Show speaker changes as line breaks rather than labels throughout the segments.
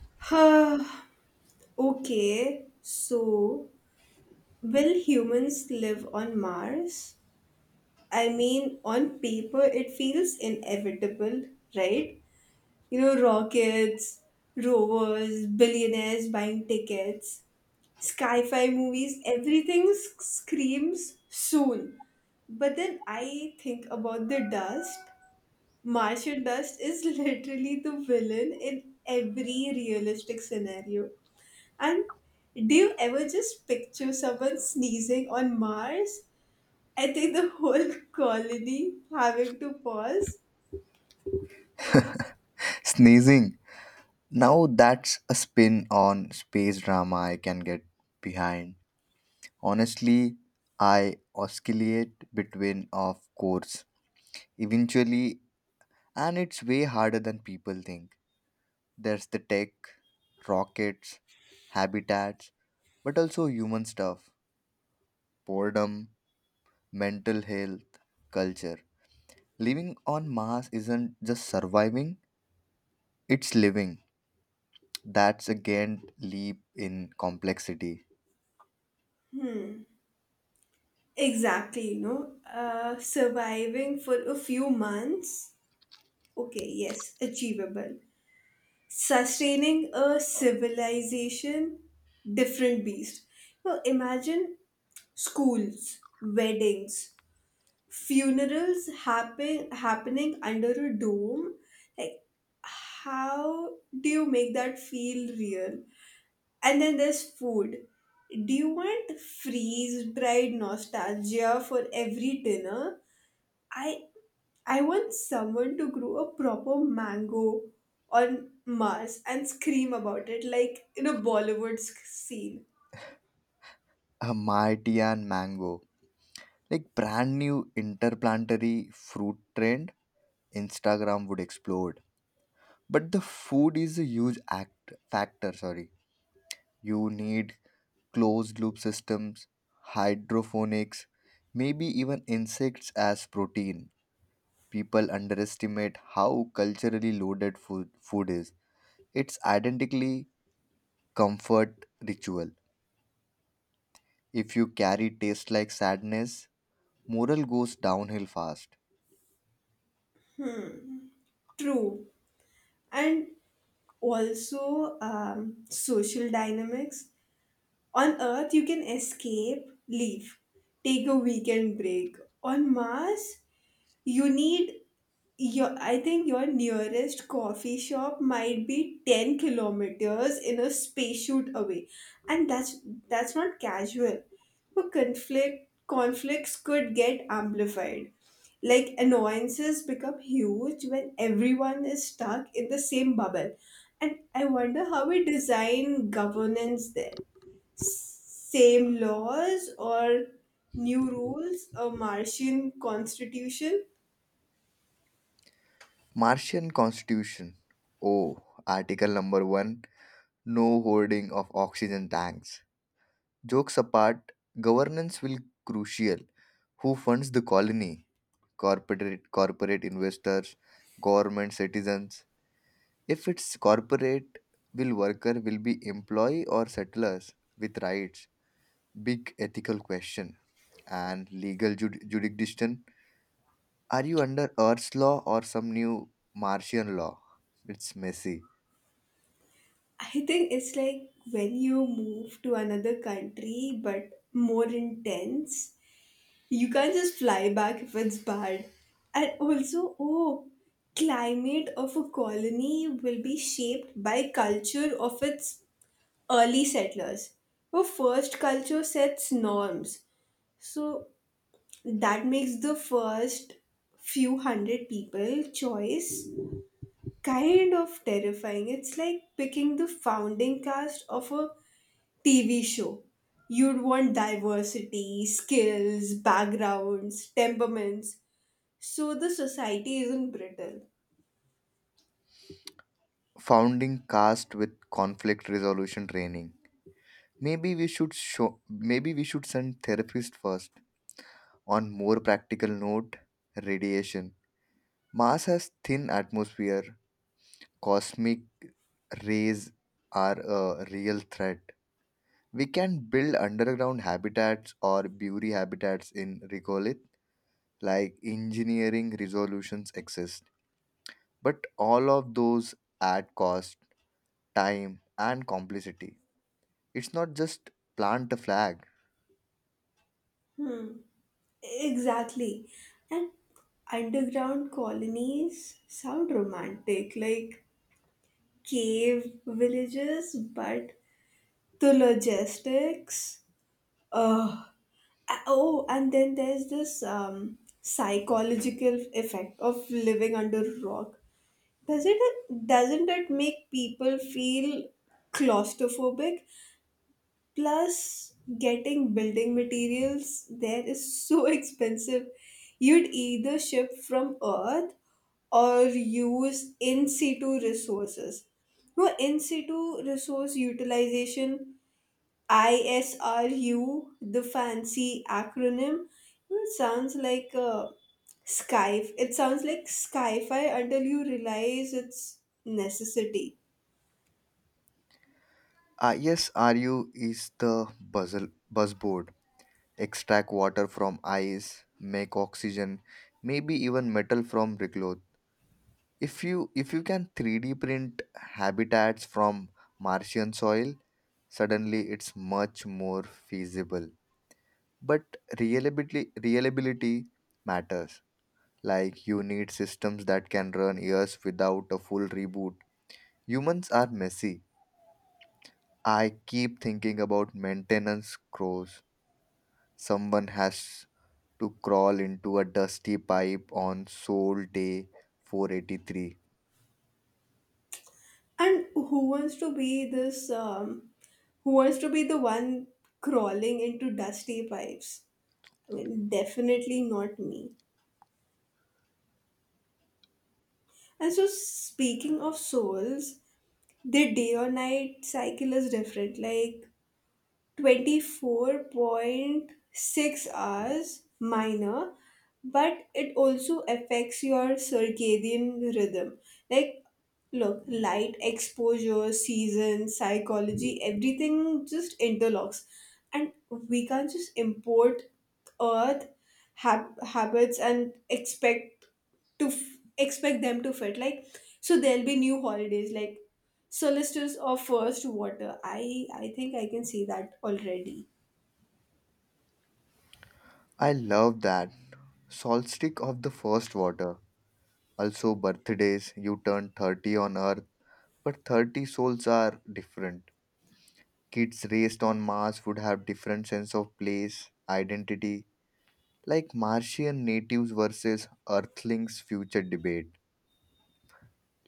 Huh, okay, so will humans live on Mars? I mean, on paper, it feels inevitable, right? You know, rockets, rovers, billionaires buying tickets, sci fi movies, screams soon. But then I think about the dust. Martian dust is literally the villain in every realistic scenario. And do you ever just picture someone sneezing on Mars? I think the whole colony having to pause.
Sneezing. Now that's a spin on space drama I can get behind. Honestly, I oscillate between of course eventually and it's way harder than people think. There's the tech, rockets, habitats, but also human stuff, boredom, mental health, culture. Living on Mars isn't just surviving, it's living. That's a giant leap in complexity.
Exactly. Surviving for a few months. Okay, yes, achievable. Sustaining a civilization, different beast. Now imagine schools, weddings, happening under a dome. Like how do you make that feel real? And then there's food. Do you want freeze dried nostalgia for every dinner? I I want someone to grow a proper mango on Mars and scream about it like in a scene.
A mighty and mango, like brand new interplanetary fruit trend, Instagram would explode. But the food is a huge act factor, sorry. You need closed loop systems, hydroponics, maybe even insects as protein. People underestimate how culturally loaded food is. It's identically comfort ritual. If you carry taste like sadness, moral goes downhill fast.
True. And also social dynamics. On Earth, you can escape, leave, take a weekend break. On Mars, you need your I think your nearest coffee shop might be 10 kilometers in a spacesuit away, and that's not casual. But conflicts could get amplified. Like annoyances become huge when everyone is stuck in the same bubble, and I wonder how we design governance there. Same laws or new rules, a martian constitution.
Martian Constitution. Oh, Article number 1, no hoarding of oxygen tanks. Jokes apart, governance will crucial. Who funds the colony? Corporate investors, government citizens. If it's corporate, will worker will be employee or settlers with rights? Big ethical question. And legal jurisdiction. Are you under Earth's law or some new Martian law? It's messy.
I think it's like when you move to another country but more intense, you can't just fly back if it's bad. And also, oh, climate of a colony will be shaped by culture of its early settlers. Well, first culture sets norms. So that makes the first few hundred people choice kind of terrifying. It's like picking the founding cast of a TV show. You'd want diversity, skills, backgrounds, temperaments, so the society isn't brittle.
Founding cast with conflict resolution training. Maybe we should send therapist first. On more practical note, radiation. Mars has thin atmosphere. Cosmic rays are a real threat. We can build underground habitats or bury habitats in regolith, like engineering resolutions exist. But all of those add cost, time, and complexity. It's not just plant a flag.
Hmm. Exactly. And underground colonies sound romantic, like cave villages, but the logistics. Uh, oh, and then there's this psychological effect of living under a rock. Does it doesn't it make people feel claustrophobic? Plus, getting building materials there is so expensive. You'd either ship from Earth or use in situ resources. No, in situ resource utilization, ISRU, the fancy acronym, it sounds like a sky. It sounds like sci-fi until you realize its necessity.
Yes, RU is the buzzle, buzzboard. Extract water from ice, make oxygen, maybe even metal from regolith. If you can 3D print habitats from Martian soil, suddenly it's much more feasible. But reliability matters. Like you need systems that can run years without a full reboot. Humans are messy. I keep thinking about maintenance crows. Someone has to crawl into a dusty pipe on Sol Day 483.
And who wants to be this? Who wants to be the one crawling into dusty pipes? I mean, definitely not me. And so, speaking of souls, the day or night cycle is different. Like 24.6 hours minor, but it also affects your circadian rhythm. Like look, light exposure, season, psychology, everything just interlocks. And we can't just import earth habits and expect them to fit. Like, so there'll be new holidays like solicitors of first water. I think I can see that already.
I love that. Solstice of the first water. Also, birthdays. You turn 30 on Earth, but 30 souls are different. Kids raised on Mars would have different sense of place, identity, like Martian natives versus Earthlings future debate.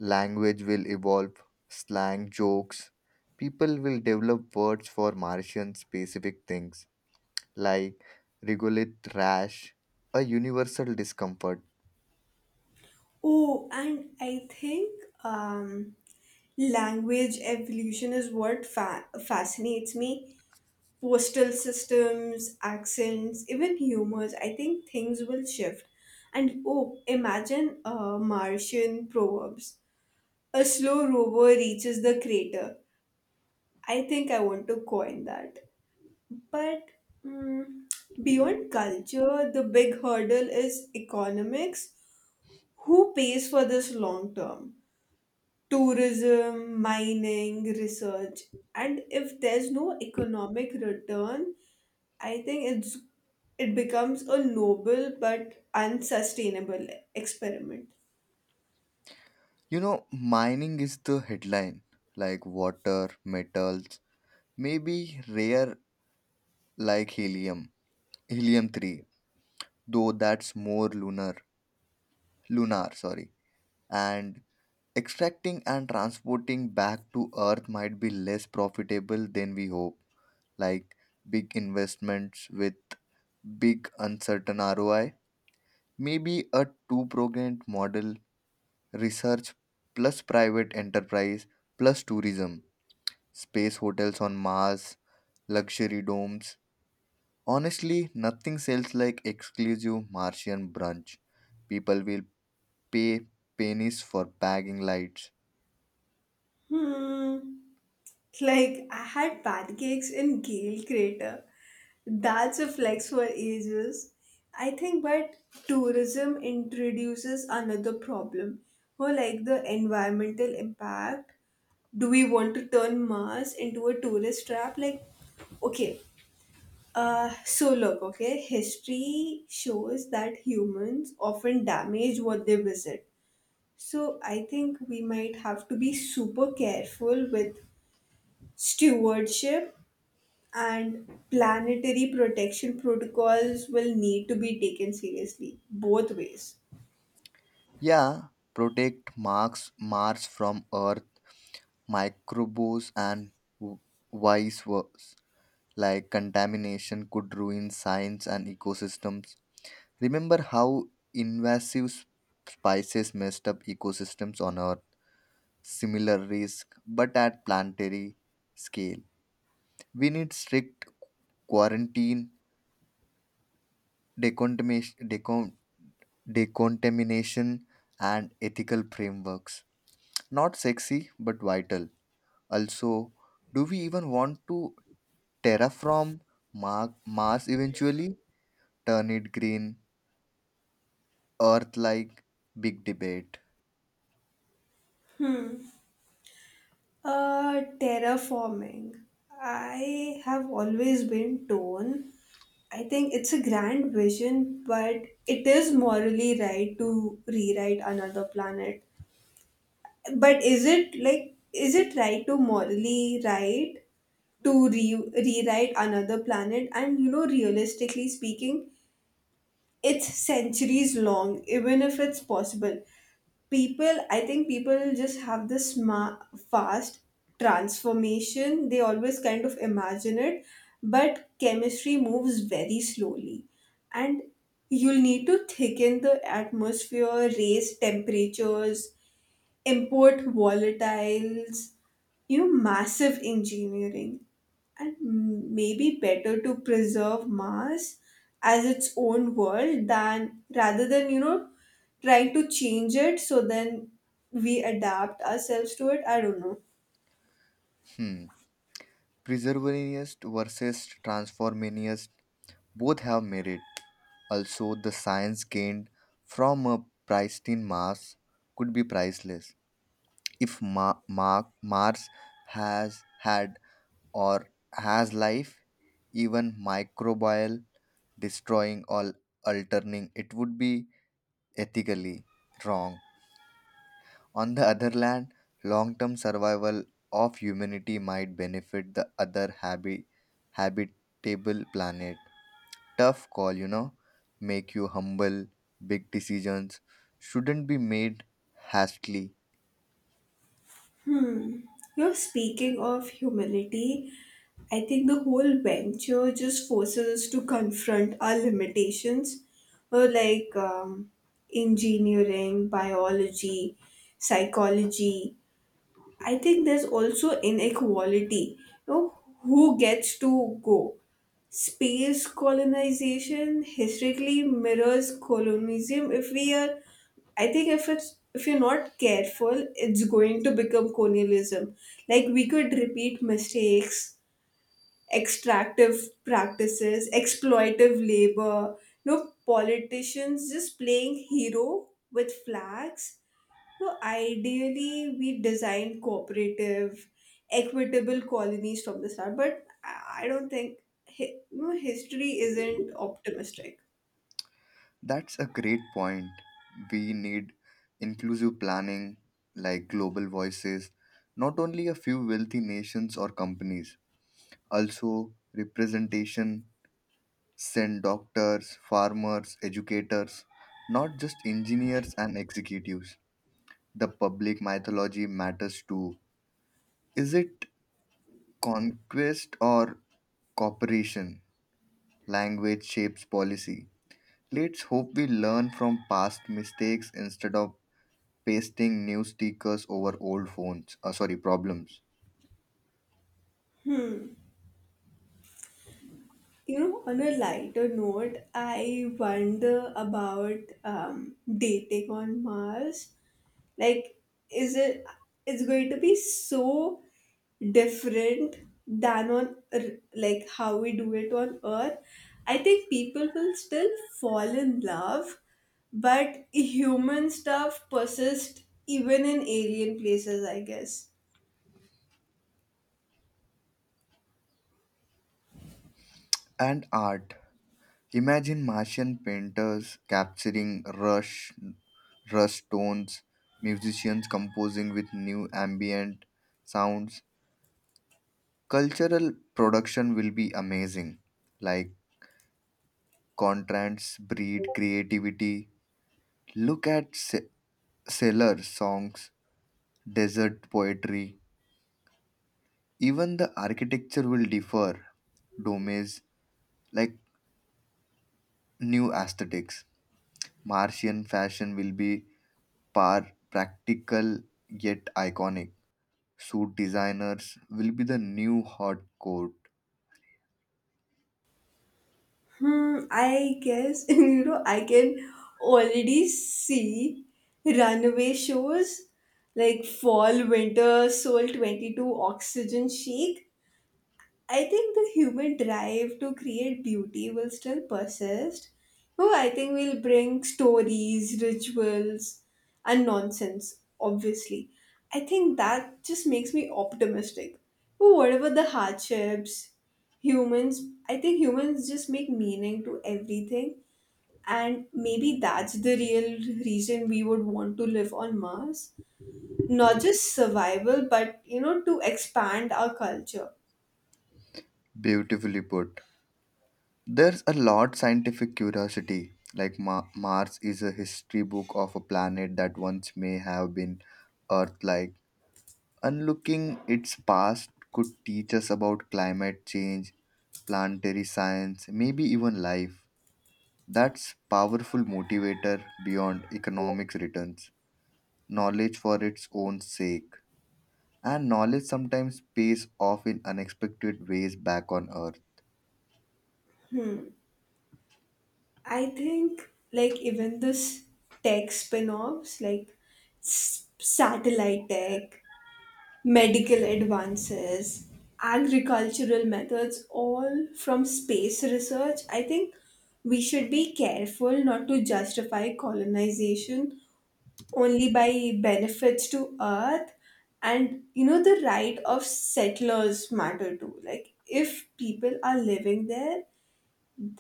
Language will evolve, slang, jokes. People will develop words for Martian specific things like regolith rash, a universal discomfort.
Oh, and I think language evolution is what fascinates me. Postal systems, accents, even humors, I think things will shift. And oh, imagine martian proverbs, a slow rover reaches the crater. I think I want to coin that. But mm, beyond culture, the big hurdle is economics. Who pays for this long term? Tourism, mining, research. And if there's no economic return, I think it's it becomes a noble but unsustainable experiment.
You know, mining is the headline, like water, metals, maybe rare like helium, helium 3, though that's more lunar, sorry. And extracting and transporting back to earth might be less profitable than we hope, like big investments with big uncertain ROI. Maybe a two pronged model, research plus private enterprise plus tourism, space hotels on Mars, luxury domes. Honestly, nothing sells like exclusive Martian brunch. People will pay pennies for bagging lights.
Hmm. Like, I had pancakes in Gale Crater. That's a flex for ages. I think, but tourism introduces another problem. Or, like, the environmental impact. Do we want to turn Mars into a tourist trap? Like, okay, history shows that humans often damage what they visit. So I think we might have to be super careful with stewardship, and planetary protection protocols will need to be taken seriously both ways.
Yeah, protect Marx Mars from Earth microbes and w- vice versa, like contamination could ruin science and ecosystems. Remember how invasive spices messed up ecosystems on Earth? Similar risk, but at planetary scale. We need strict quarantine, decontamination, decontamination, and ethical frameworks. Not sexy, but vital. Also, do we even want to terraform Mars eventually? Turn it green, Earth like, big debate.
Terraforming. I have always been torn. I think it's a grand vision, but it is morally right to rewrite another planet. But is is it right to morally rewrite another planet? And you know, realistically speaking, it's centuries long, even if it's possible. People I think People just have this fast transformation they always kind of imagine it, but chemistry moves very slowly. And you'll need to thicken the atmosphere, raise temperatures, import volatiles, you know, massive engineering. And maybe better to preserve Mars as its own world than rather than, you know, trying to change it, so then we adapt ourselves to it. I don't know.
Hmm. Preservationist versus transformationist, both have merit. Also, the science gained from a pristine Mars could be priceless. If Mars has had or has life, even microbial, destroying or altering, it would be ethically wrong. On the other hand, long term survival of humanity might benefit the other habitable planet. Tough call, you know, make you humble. Big decisions shouldn't be made hastily.
You're speaking of humility. I think the whole venture just forces us to confront our limitations, or like engineering, biology, psychology. I think there's also inequality. You know, who gets to go? Space colonization historically mirrors colonialism. If we are, I think, if it's if you're not careful, it's going to become colonialism. Like we could repeat mistakes, extractive practices, exploitive labor. No politicians just playing hero with flags. So ideally, we design cooperative, equitable colonies from the start, but I don't think you know, history isn't optimistic.
That's a great point. We need inclusive planning like global voices, not only a few wealthy nations or companies, also representation. Send doctors, farmers, educators, not just engineers and executives. The public mythology matters too. Is it conquest or cooperation? Language shapes policy. Let's hope we learn from past mistakes instead of pasting new stickers over old phones. Sorry, problems.
You know, on a lighter note, I wonder about dating on Mars. Like, is it? It's going to be so different than on like how we do it on earth. I think people will still fall in love, but human stuff persists even in alien places, I guess.
And art. Imagine Martian painters capturing rust tones, musicians composing with new ambient sounds. Cultural production will be amazing. Like contrasts breed creativity. Look at sailor songs, desert poetry. Even the architecture will differ. Domes, like new aesthetics. Martian fashion will be par practical yet iconic. Suit designers will be the new hot coat.
Hmm. I guess you know, I can already see runaway shows like fall winter soul 22 oxygen chic. I think the human drive to create beauty will still persist. Oh, I think we'll bring stories, rituals, and nonsense, obviously. I think that just makes me optimistic. But whatever the hardships, humans, I think humans just make meaning to everything. And maybe that's the real reason we would want to live on Mars. Not just survival, but, you know, to expand our culture.
Beautifully put. There's a lot scientific curiosity. Like Mars is a history book of a planet that once may have been Earth-like. Unlooking its past could teach us about climate change, planetary science, maybe even life. That's powerful motivator beyond economics returns. Knowledge for its own sake. And knowledge sometimes pays off in unexpected ways back on Earth.
I think like even this tech spin-offs, like satellite tech, medical advances, agricultural methods, all from space research. I think we should be careful not to justify colonization only by benefits to earth, and you know, the right of settlers matter too. Like if people are living there,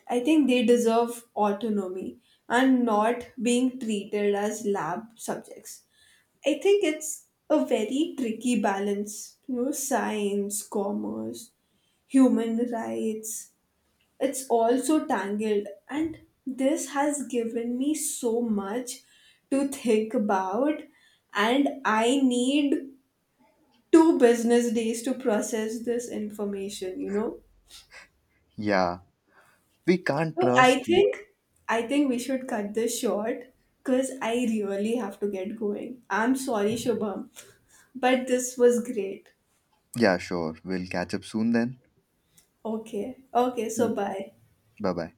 I think they deserve autonomy and not being treated as lab subjects. I think it's a very tricky balance, you know, science, commerce, human rights. It's all so tangled, and this has given me so much to think about, and I need two business days to process this information, you know.
Yeah, we can't
So
trust.
I think we should cut this short because I really have to get going. I'm sorry, Shubham, but this was great.
Yeah, sure. We'll catch up soon then.
Okay. Okay, so bye.
Bye bye.